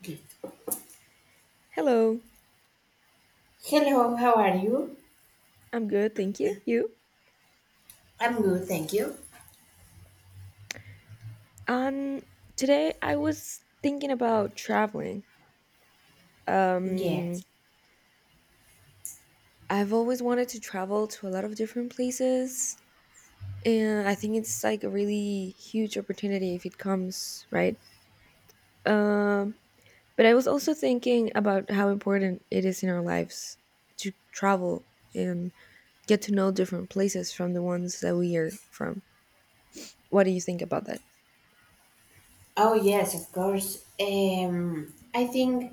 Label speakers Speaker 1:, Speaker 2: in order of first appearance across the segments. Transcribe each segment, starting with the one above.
Speaker 1: Okay.
Speaker 2: Hello,
Speaker 1: Hello, how are you?
Speaker 2: I'm good, thank you. You?
Speaker 1: I'm good, thank you.
Speaker 2: Um, Today I was thinking about traveling. Um,
Speaker 1: Yes.
Speaker 2: I've always wanted to travel to a lot of different places, and I think it's like a really huge opportunity if it comes, right? Um, but I was also thinking about how important it is in our lives to travel and get to know different places from the ones that we are from. What do you think about that?
Speaker 1: Oh, yes, of course. I think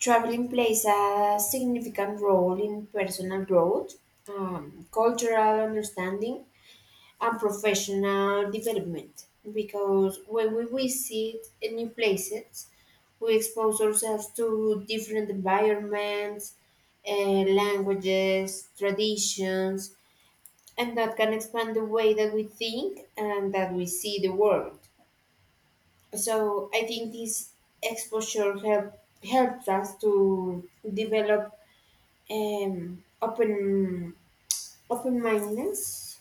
Speaker 1: traveling plays a significant role in personal growth, cultural understanding, and professional development. Because when we visit new places, we expose ourselves to different environments, languages, traditions, and that can expand the way that we think and that we see the world. So I think this exposure helps us to develop um, open open mindedness.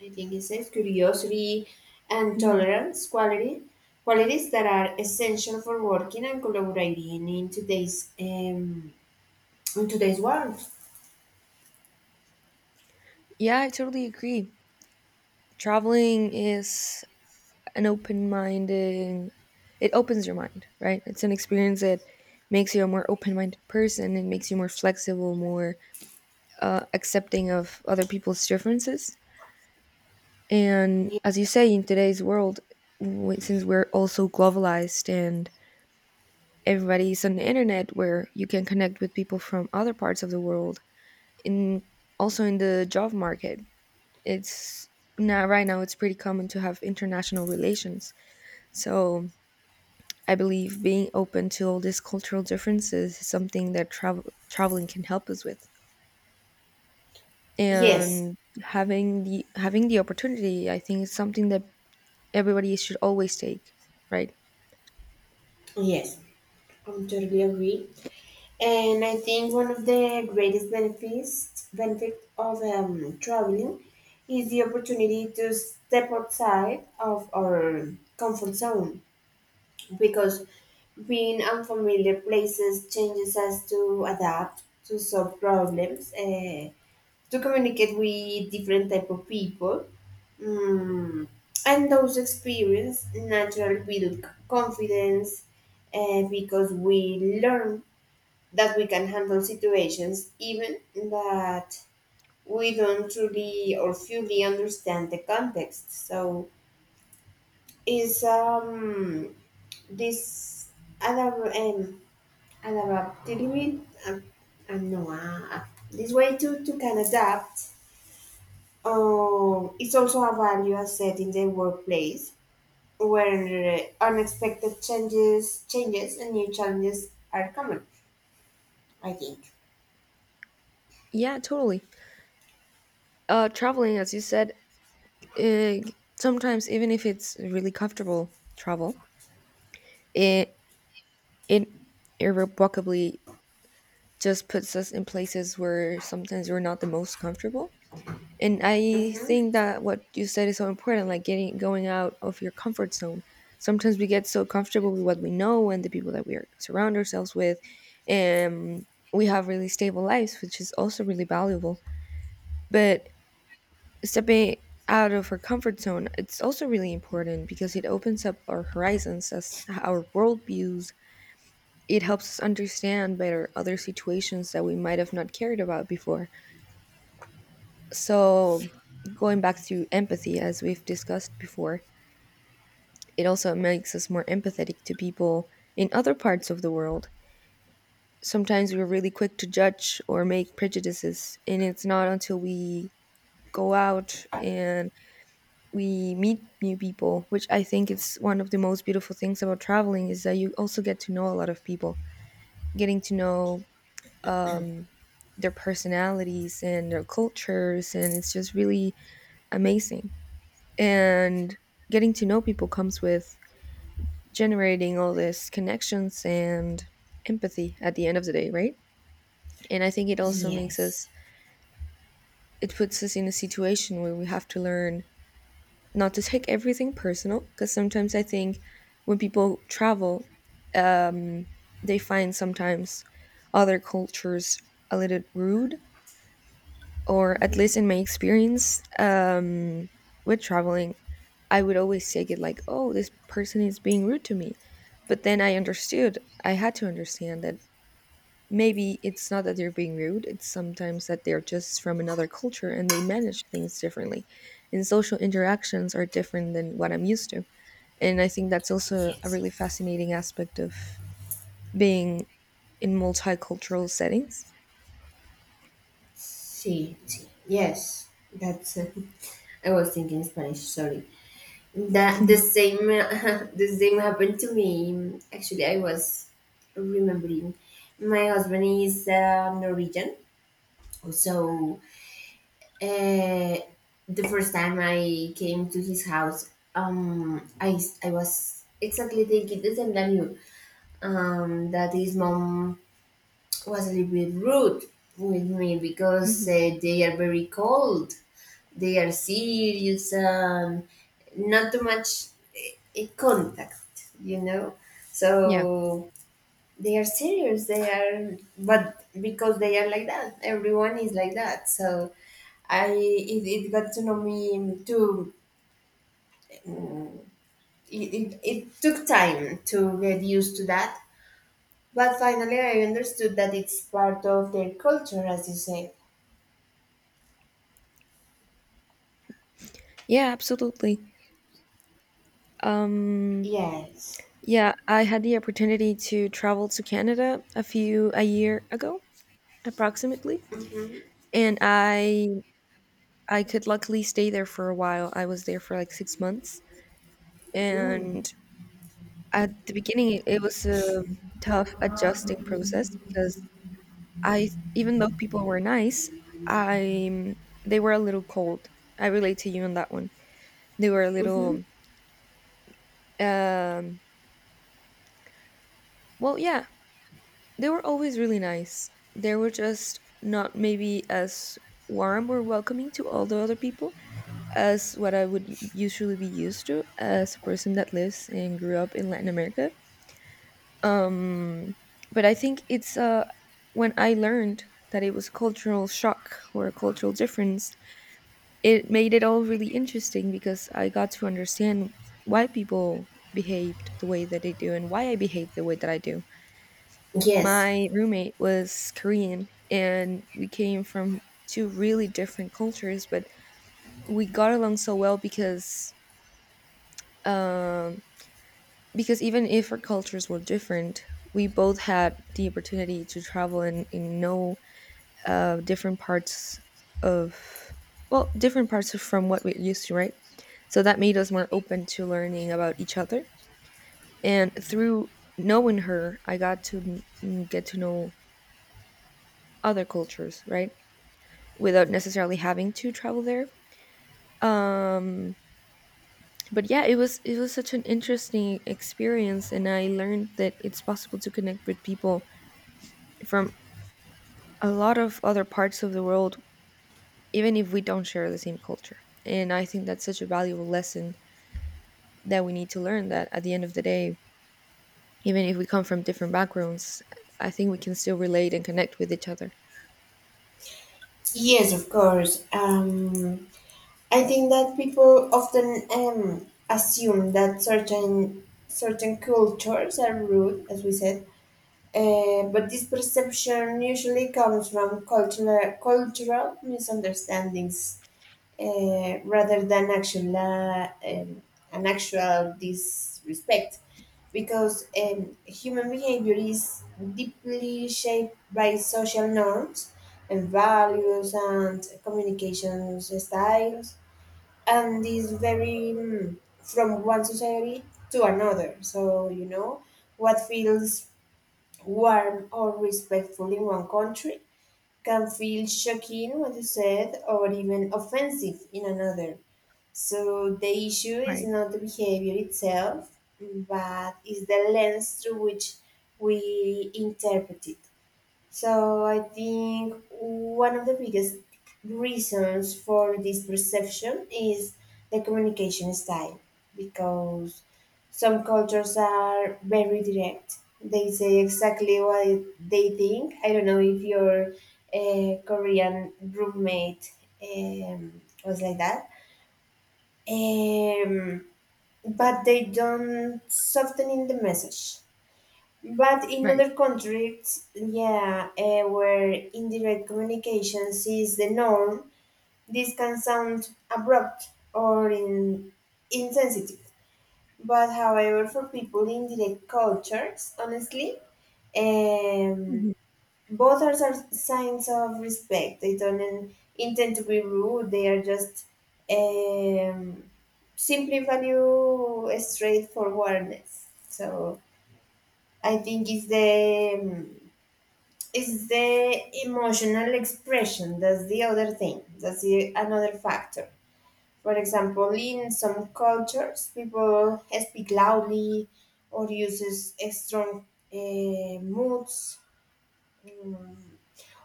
Speaker 1: I think it says curiosity and
Speaker 2: Hmm.
Speaker 1: tolerance quality qualities that are essential for working and collaborating in today's world.
Speaker 2: Yeah, I totally agree. Traveling is an open minded, it opens your mind, right? It's an experience that makes you a more open-minded person and makes you more flexible, more accepting of other people's differences. And as you say, in today's world, since we're also globalized and everybody's on the internet where you can connect with people from other parts of the world, in, also in the job market, it's, now right now it's pretty common to have international relations. So I believe being open to all these cultural differences is something that traveling can help us with.
Speaker 1: Yes,
Speaker 2: And having the opportunity, I think, is something that everybody should always take, right?
Speaker 1: yes, I am totally agree. And I think one of the greatest benefit of traveling is the opportunity to step outside of our comfort zone because being unfamiliar places changes us to adapt, to solve problems, to communicate with different type of people. Mm. And those experiences naturally build confidence because we learn that we can handle situations even that we don't truly or fully understand the context. So is um this adab- um, adaptability, no, this way to can adapt, it's also a value asset in the workplace where unexpected changes and new challenges are common, I think.
Speaker 2: Yeah, totally. Traveling, as you said, uh, sometimes even if it's really comfortable travel, it it irrevocably just puts us in places where sometimes we're not the most comfortable. And I
Speaker 1: Mm-hmm.
Speaker 2: think that what you said is so important, like getting going out of your comfort zone. Sometimes we get so comfortable with what we know and the people that we are surround ourselves with, and we have really stable lives, which is also really valuable. But stepping out of our comfort zone, it's also really important because it opens up our horizons, as our worldviews. It helps us understand better other situations that we might have not cared about before. So, going back to empathy, as we've discussed before, it also makes us more empathetic to people in other parts of the world. Sometimes we're really quick to judge or make prejudices, and it's not until we go out and we meet new people, which I think is one of the most beautiful things about traveling, is that you also get to know a lot of people, getting to know um, their personalities and their cultures, and it's just really amazing. And getting to know people comes with generating all these connections and empathy at the end of the day, right? And I think it also makes
Speaker 1: Yes.
Speaker 2: us, it puts us in a situation where we have to learn not to take everything personal. Because sometimes I think when people travel, um, they find sometimes other cultures a little rude, or at least in my experience with traveling, I would always take it like, oh, this person is being rude to me. But then I understood, I had to understand that maybe it's not that they're being rude, it's sometimes that they're just from another culture and they manage things differently. And social interactions are different than what I'm used to. And I think that's also a
Speaker 1: Yes.
Speaker 2: really fascinating aspect of being in multicultural settings.
Speaker 1: Sí, sí. Yes. That's I was thinking Spanish, sorry. That the same the same happened to me. Actually, I was remembering. My husband is Norwegian. So, uh, the first time I came to his house, I was exactly thinking the same than you. That his mom was a little bit rude with me because
Speaker 2: Mhm.
Speaker 1: they are very cold. They are serious and not too much contact.
Speaker 2: Yeah.
Speaker 1: So they are serious. But because they are like that, everyone is like that. So it got to know me too. It took time to get used to that, but finally I understood that it's part of their culture, as you say.
Speaker 2: Yeah, absolutely. Um,
Speaker 1: Yes.
Speaker 2: Yeah, I had the opportunity to travel to Canada a year ago, approximately,
Speaker 1: hmm
Speaker 2: and I could luckily stay there for a while. I was there for like 6 months, and at the beginning, it was a tough adjusting process because I, even though people were nice, I, they were a little cold. I relate to you on that one. They were a
Speaker 1: hmm
Speaker 2: little, um, well, yeah, they were always really nice. They were just not maybe as warm or welcoming to all the other people as what I would usually be used to as a person that lives and grew up in Latin America. Um, but I think it's when I learned that it was cultural shock or a cultural difference, it made it all really interesting because I got to understand why people behaved the way that they do and why I behaved the way that I do.
Speaker 1: Yes.
Speaker 2: My roommate was Korean and we came from two really different cultures, but we got along so well because um because even if our cultures were different, we both had the opportunity to travel and know different parts of, well, different parts of- from what we're used to, right? So that made us more open to learning about each other. And through knowing her, I got to n- get to know other cultures, right? Without necessarily having to travel there. Um, but yeah, it was, it was such an interesting experience, and I learned that it's possible to connect with people from a lot of other parts of the world, even if we don't share the same culture. And I think that's such a valuable lesson that we need to learn. That at the end of the day, even if we come from different backgrounds, I think we can still relate and connect with each other.
Speaker 1: Yes, of course. I think that people often assume that certain cultures are rude, as we said. But this perception usually comes from cultural misunderstandings, rather than actual an actual disrespect, because human behavior is deeply shaped by social norms and values and communication styles, and is very from one society to another. So you know what feels warm or respectful in one country can feel shocking, what you said, or even offensive in another. So the issue is
Speaker 2: Right.
Speaker 1: not the behavior itself, but is the lens through which we interpret it. So I think one of the biggest reasons for this perception is the communication style, because some cultures are very direct. They say exactly what they think. I don't know if your Korean roommate was like that, um, but they don't soften in the message. But in
Speaker 2: Right.
Speaker 1: other countries, yeah, where indirect communications is the norm, this can sound abrupt or insensitive. But however, for people in direct cultures, honestly, um,
Speaker 2: Mhm.
Speaker 1: both are signs of respect. They don't intend to be rude. They are just um, simply value straightforwardness. So I think it's the emotional expression. That's the other thing. That's another factor. For example, in some cultures, people speak loudly or uses strong moods, um,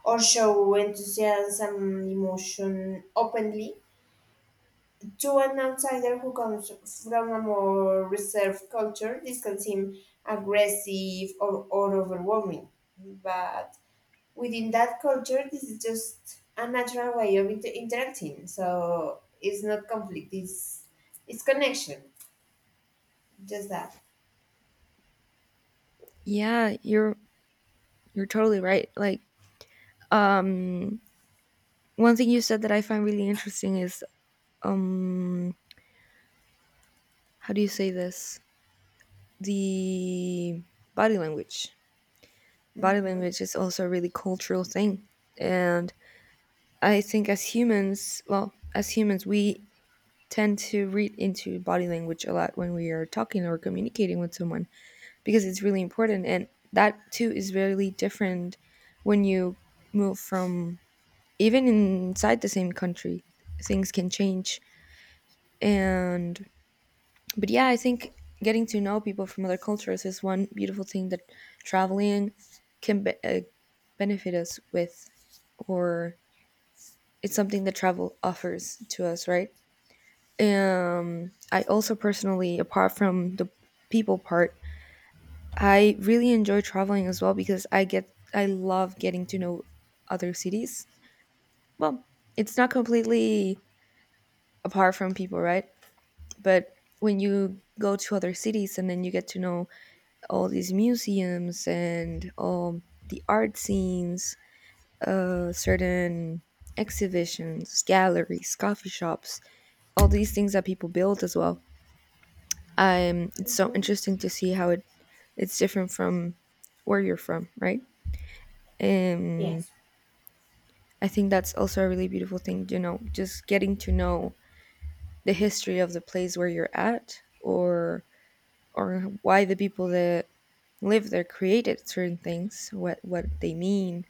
Speaker 1: or show enthusiasm and emotion openly. To an outsider who comes from a more reserved culture, this can seem aggressive, or overwhelming. But within that culture, this is just a natural way of interacting. So it's not conflict, it's connection. Just that.
Speaker 2: Yeah, you're totally right. Like, um, one thing you said that I find really interesting is, um, how do you say this? The body language. Body
Speaker 1: Mm-hmm.
Speaker 2: language is also a really cultural thing. And I think as humans, well, as humans we tend to read into body language a lot when we are talking or communicating with someone because it's really important, and that too is really different when you move from, even inside the same country, things can change. And but yeah, I think getting to know people from other cultures is one beautiful thing that traveling can be- uh, benefit us with, or it's something that travel offers to us, right? I also personally, apart from the people part, I really enjoy traveling as well because I love getting to know other cities. Well, it's not completely apart from people, right? But when you go to other cities and then you get to know all these museums and all the art scenes, certain exhibitions, galleries, coffee shops, all these things that people build as well. It's so
Speaker 1: Mm-hmm.
Speaker 2: interesting to see how it, it's different from where you're from, right? And
Speaker 1: Yes,
Speaker 2: I think that's also a really beautiful thing, you know, just getting to know the history of the place where you're at, or why the people that live there created certain things, what they mean.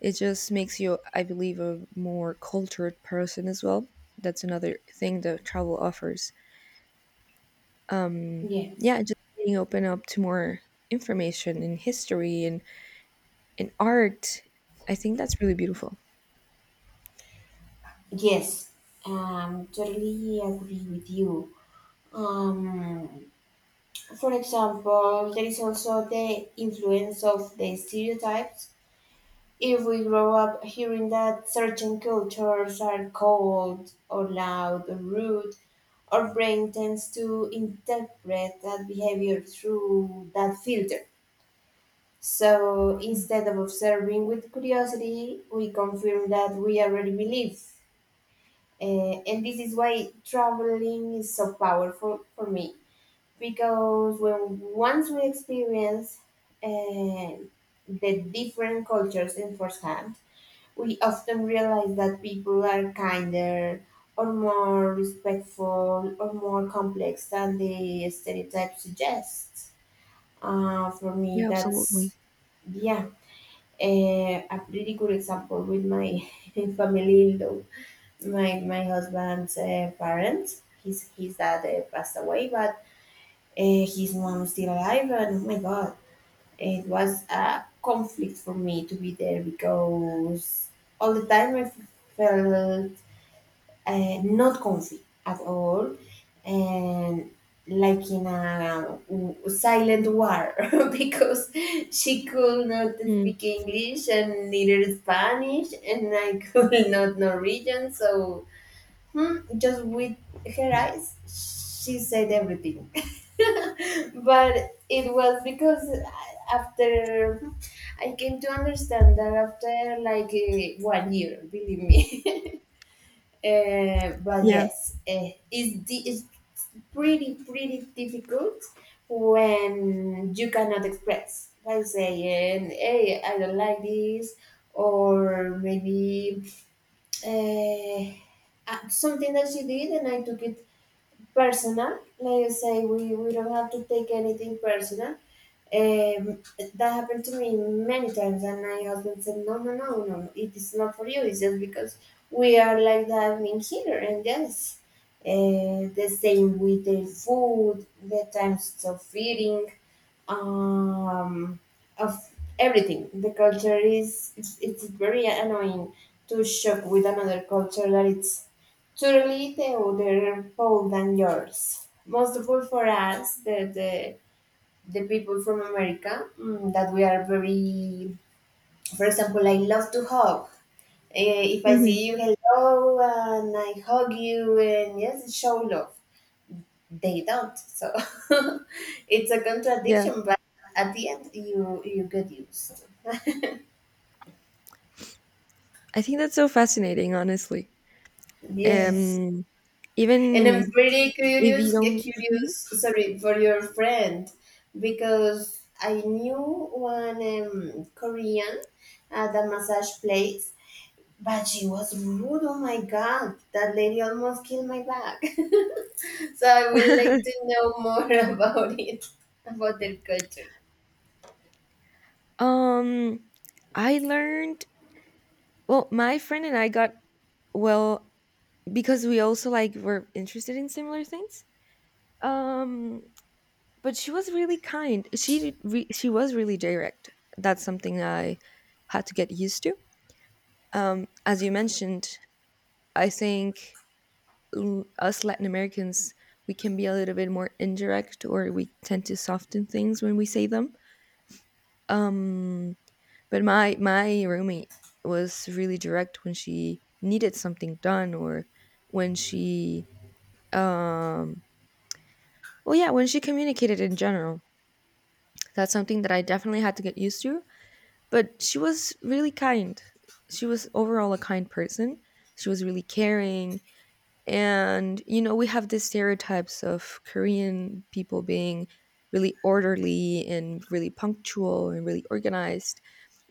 Speaker 2: It just makes you, I believe, a more cultured person as well. That's another thing that travel offers.
Speaker 1: yes,
Speaker 2: Yeah, just being open up to more information and history and art. I think that's really beautiful.
Speaker 1: yes. Totally agree with you. Um, For example, there is also the influence of the stereotypes. If we grow up hearing that certain cultures are cold or loud or rude, our brain tends to interpret that behavior through that filter. So instead of observing with curiosity, we confirm that we already believe. And this is why traveling is so powerful for me because when once we experience uh, the different cultures in firsthand, we often realize that people are kinder or more respectful or more complex than the stereotype suggests. For me,
Speaker 2: Yeah, absolutely.
Speaker 1: that's yeah, a pretty good example with my family in law. My husband's parents, his dad passed away, but his mom is still alive, and oh my god, it was a conflict for me to be there because all the time I felt not comfy at all, and like in a silent war because she could not
Speaker 2: Mm,
Speaker 1: speak English and neither Spanish, and I could not Norwegian. So, just with her eyes, she said everything, but it was because after I came to understand that after like 1 year, believe me. But
Speaker 2: yeah.
Speaker 1: yes, it's pretty, pretty difficult when you cannot express by saying, hey, I don't like this, or maybe eh, something that she did and I took it personal. Like I say, we don't have to take anything personal, um, that happened to me many times, and my husband said, "No, no, no, no, no, it is not for you. It's just because we are like that in here." And yes, the same with the food, the times of feeding, um, of everything. The culture it's very annoying to shock with another culture that it's totally the other pole than yours. Most of all for us, the people from America, that we are very, for example, I love to hug. If I
Speaker 2: Hmm.
Speaker 1: see you, hello, and I hug you, and yes, show love. They don't. So it's a
Speaker 2: Yeah.
Speaker 1: contradiction, but at the end, you get used.
Speaker 2: I think that's so fascinating, honestly.
Speaker 1: Yes,
Speaker 2: Um,
Speaker 1: and I'm
Speaker 2: even
Speaker 1: very
Speaker 2: if you
Speaker 1: curious, get
Speaker 2: don't.
Speaker 1: curious,
Speaker 2: Mhm.
Speaker 1: sorry, for your friend because I knew one Korean at a massage place. But she was rude. Oh my god, that lady almost killed my bag. So I would like to know more about it, about their culture.
Speaker 2: Um, I learned, well, my friend and I got, well, because we also like were interested in similar things, um, but she was really kind, she was really direct. That's something I had to get used to, um, as you mentioned. I think, us Latin Americans, we can be a little bit more indirect, or we tend to soften things when we say them, um, but my roommate was really direct when she needed something done, or when she, um, well, yeah, when she communicated in general, that's something that I definitely had to get used to. But she was really kind. She was overall a kind person. She was really caring. And, you know, we have these stereotypes of Korean people being really orderly and really punctual and really organized.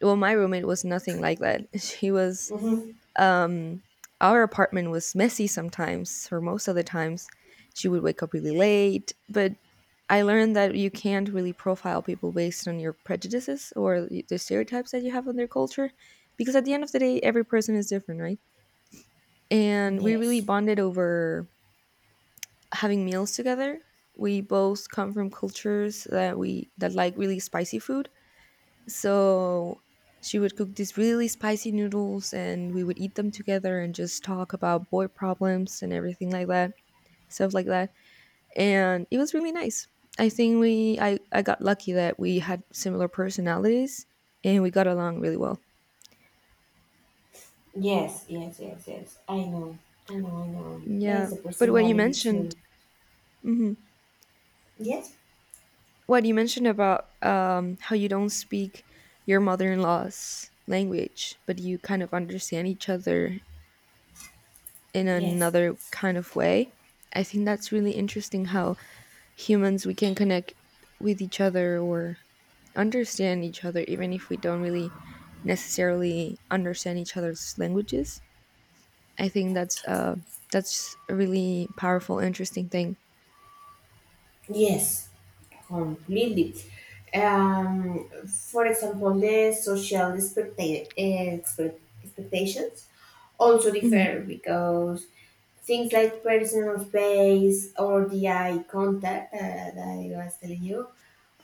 Speaker 2: Well, my roommate was nothing like that. She was,
Speaker 1: Mm-hmm.
Speaker 2: um, our apartment was messy sometimes, or most of the times. She would wake up really late, but I learned that you can't really profile people based on your prejudices the stereotypes that you have on their culture, because at the end of the day, every person is different, right? And we really
Speaker 1: Yes,
Speaker 2: bonded over having meals together. We both come from cultures that we that like really spicy food, so she would cook these really spicy noodles and we would eat them together and just talk about boy problems and everything like that, stuff like that. And it was really nice. I got lucky that we had similar personalities and we got along really well.
Speaker 1: yes, yes, yes, yes. I know, I know, I know. There
Speaker 2: Yeah.
Speaker 1: is a
Speaker 2: But what you
Speaker 1: personality
Speaker 2: mentioned,
Speaker 1: too.
Speaker 2: mhm,
Speaker 1: Yes.
Speaker 2: what you mentioned about, how you don't speak your mother in law's language, but you kind of understand each other in
Speaker 1: Yes,
Speaker 2: another kind of way. I think that's really interesting how humans we can connect with each other or understand each other even if we don't really necessarily understand each other's languages. I think that's a really powerful interesting thing.
Speaker 1: yes. Completely. Um, for example, the social expectations also
Speaker 2: Mhm.
Speaker 1: differ because things like personal space or the eye contact, that I was telling you,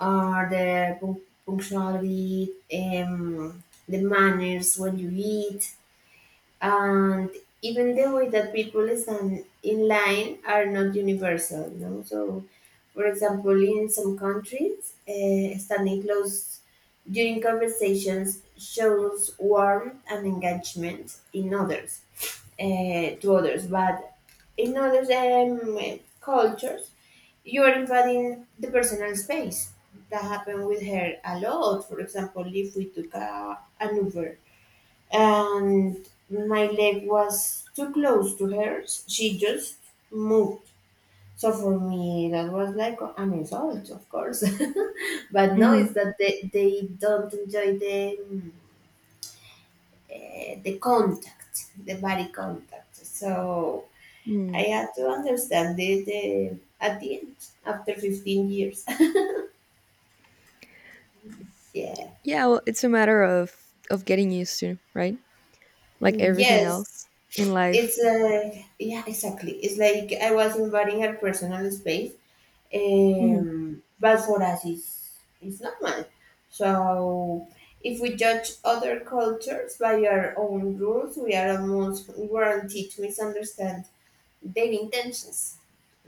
Speaker 1: or the punctuality, the manners when you eat, and even the way that people stand in line are not universal, no. So for example, in some countries, standing close during conversations shows warmth and engagement, in others to others, but in other cultures you are invading the personal space. That happened with her a lot. For example, if we took an uber and my leg was too close to hers, she just moved. So for me, that was like an insult, of course. But no, it's
Speaker 2: Mhm.
Speaker 1: that they don't enjoy the the contact, the body contact. So I
Speaker 2: Mm.
Speaker 1: had to understand it, at the end, after 15 years. Yeah.
Speaker 2: Yeah, well, it's a matter of getting used to, right? Like everything
Speaker 1: Yes.
Speaker 2: else in life.
Speaker 1: It's, yeah, exactly. It's like I was invading her personal space,
Speaker 2: Mhm.
Speaker 1: bad for us it's normal. So if we judge other cultures by our own rules, we are almost guaranteed to misunderstand their intentions,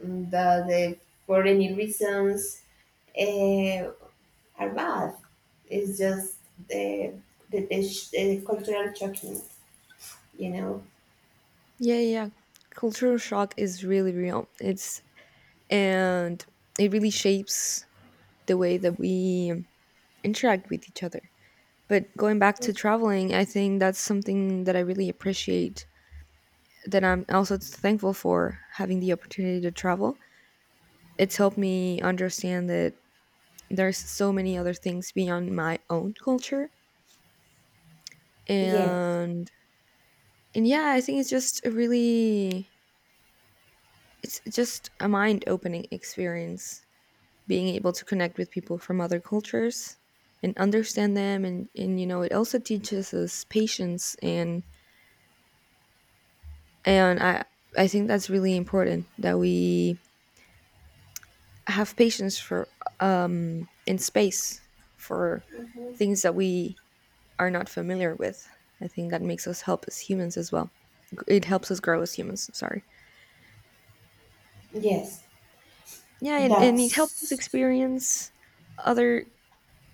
Speaker 1: and that they, for any reasons, uh, are bad. It's just the the cultural shocking, you know.
Speaker 2: Yeah, yeah, yeah. Cultural shock is really real. It's and it really shapes the way that we interact with each other. But going back to traveling, I think that's something that I really appreciate that I'm also thankful for having the opportunity to travel. It's helped me understand that there's so many other things beyond my own culture
Speaker 1: Yes.
Speaker 2: and and yeah, I think it's just a really it's just a mind-opening experience being able to connect with people from other cultures and understand them and it also teaches us patience and and I think that's really important that we have patience for in space for things that we are not familiar with. I think that makes us help as humans as well. It helps us grow as humans, sorry.
Speaker 1: Yes,
Speaker 2: Yeah, and it helps us
Speaker 1: that's
Speaker 2: experience other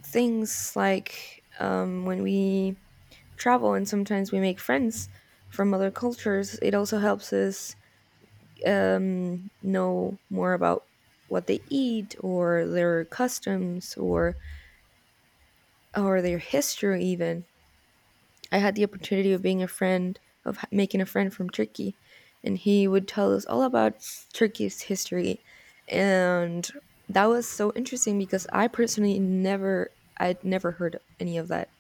Speaker 2: things like when we travel and sometimes we make friends from other cultures, it also helps us know more about what they eat or their customs or their history even. I had the opportunity of being a friend of making a friend from Turkey and he would tell us all about Turkey's history, and that was so interesting because I personally never I'd never heard any of that.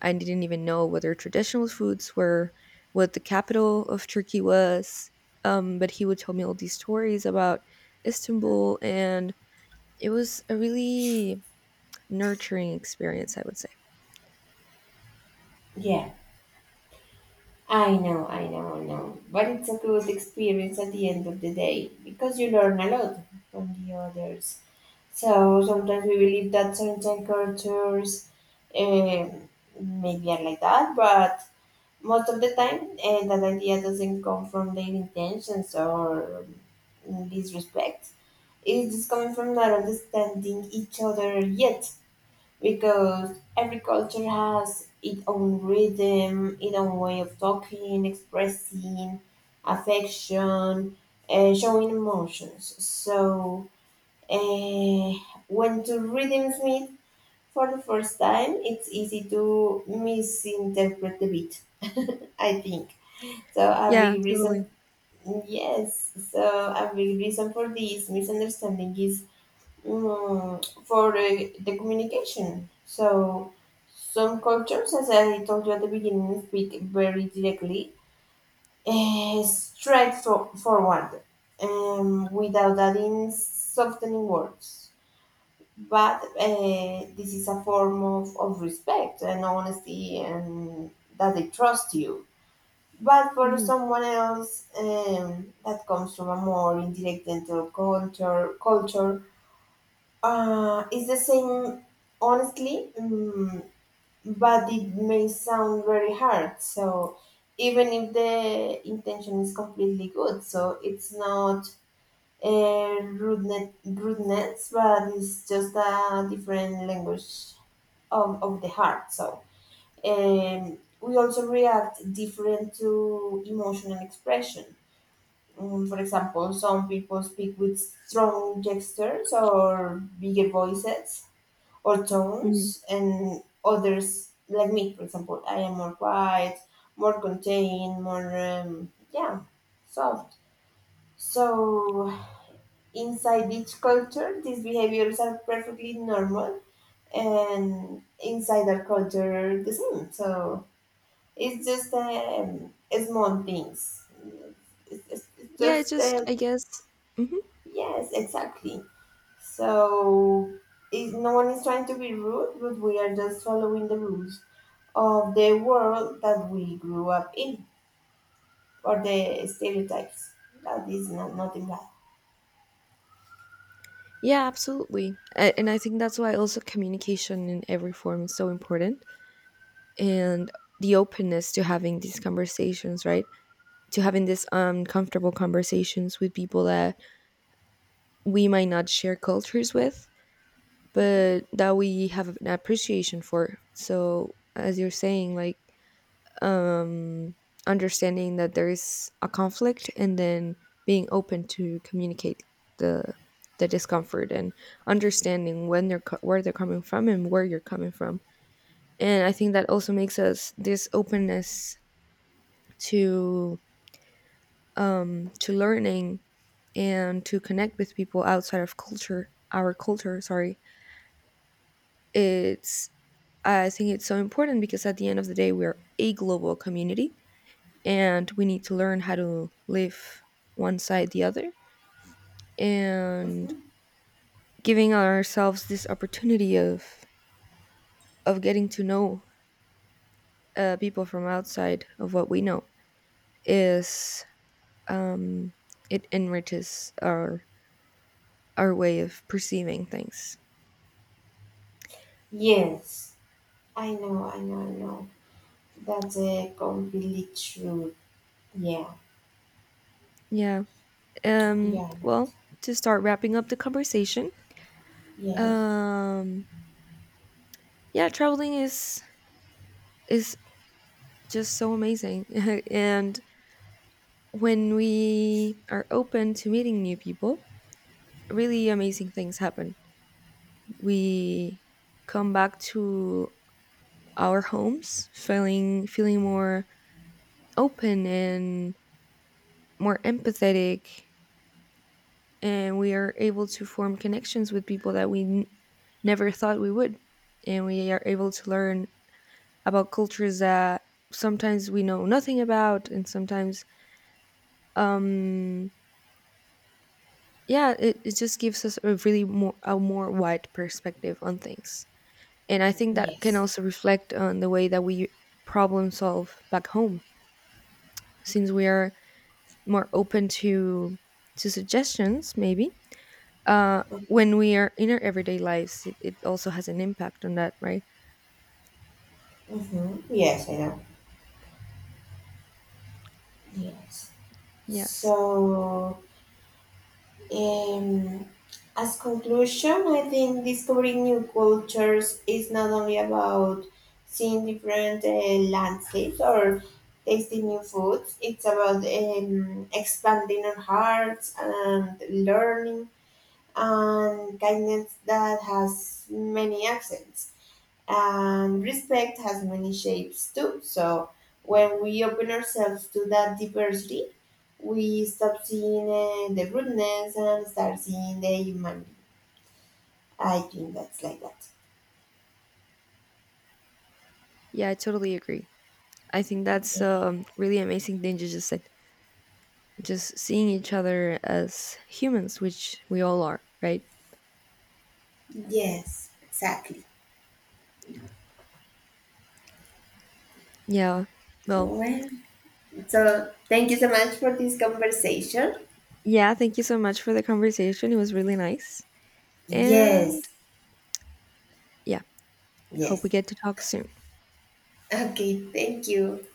Speaker 2: I didn't even know what their traditional foods were, what the capital of Turkey was. But he would tell me all these stories about Istanbul, and it was a really nurturing experience, I would say.
Speaker 1: yeah. I know, I know, I know. But it's a good experience at the end of the day because you learn a lot from the others. So sometimes we believe that certain cultures, um, maybe are like that, but most of the time that idea doesn't come from their intentions or disrespect. It's just coming from not understanding each other yet because every culture has its own rhythm, its own way of talking, expressing affection, showing emotions. So uh, when two rhythms meet for the first time, it's easy to misinterpret the beat. I think so. A
Speaker 2: Yeah,
Speaker 1: big
Speaker 2: totally.
Speaker 1: reason, yes. So a big reason for this misunderstanding is, for the communication. So some cultures, as I told you at the beginning, speak very directly, straight forward, without adding softening words. But this is a form of respect and honesty, and that they trust you. But for
Speaker 2: Hmm.
Speaker 1: someone else, that comes from a more indirect dental culture, it's the same, honestly, but it may sound very hard. So, even if the intention is completely good, so it's not rudeness, but it's just a different language of the heart. So, we also react different to emotional expression. For example, some people speak with strong gestures or bigger voices or
Speaker 2: Hmm.
Speaker 1: tones, and others like me, for example, I am more quiet, more contained, more yeah, soft. So inside each culture these behaviors are perfectly normal, and inside our culture the same. So it's just, small things. It's,
Speaker 2: Yeah, it's
Speaker 1: just
Speaker 2: just, I guess. Hmm.
Speaker 1: yes, exactly. So is no one is trying to be rude, but we are just following the rules of the world that we grew up in, or the stereotypes. That is not nothing bad.
Speaker 2: Yeah, absolutely. And I think that's why also communication in every form is so important and the openness to having these conversations, right? To having these uncomfortable conversations with people that we might not share cultures with,
Speaker 1: Mhm,
Speaker 2: but that we have an appreciation for. So, as you're saying, like um, understanding that there is a conflict and then being open to communicate the the discomfort and understanding when where they're coming from and where you're coming from. And I think that also makes us this openness to to learning and to connect with people outside of culture, our culture, sorry, it's I think it's so important because at the end of the day we're a global community and we need to learn how to live one side the other and
Speaker 1: mhm.
Speaker 2: giving ourselves this opportunity of getting to know people from outside of what we know is um, it enriches our way of perceiving things.
Speaker 1: Yes, I know, I know, I know. That's a completely true. Yeah,
Speaker 2: Yeah.
Speaker 1: yeah, right.
Speaker 2: Well, to start wrapping up the conversation.
Speaker 1: Yes,
Speaker 2: Um. Yeah, traveling is just so amazing. And when we are open to meeting new people, really amazing things happen. We come back to our homes feeling feeling more open and more empathetic, and we are able to form connections with people that never thought we would, and we are able to learn about cultures that sometimes we know nothing about and sometimes um yeah, it just gives us a really more a more wide perspective on things, and I think that can
Speaker 1: yes.
Speaker 2: also reflect on the way that we problem solve back home since we are more open to suggestions maybe when we are in our everyday lives. It also has an impact on that, right?
Speaker 1: Mm-hmm. Yes, I know. Yes.
Speaker 2: Yes.
Speaker 1: So, Um, as conclusion, I think discovering new cultures is not only about seeing different landscapes or tasting new foods. It's about expanding our hearts and learning and kindness that has many accents. And respect has many shapes too. So when we open ourselves to that diversity, we stop seeing the rudeness and start seeing the humanity. I think that's like that.
Speaker 2: Yeah, I totally agree. I think that's
Speaker 1: Yeah.
Speaker 2: really amazing thing you just said, just seeing each other as humans, which we all are, right?
Speaker 1: Yes, exactly.
Speaker 2: Yeah. Well,
Speaker 1: Well, so thank you so much for this conversation.
Speaker 2: yeah, thank you so much for the conversation. It was really nice. And
Speaker 1: Yes,
Speaker 2: yeah, hope we
Speaker 1: yes.
Speaker 2: get to talk soon.
Speaker 1: Okay, thank you.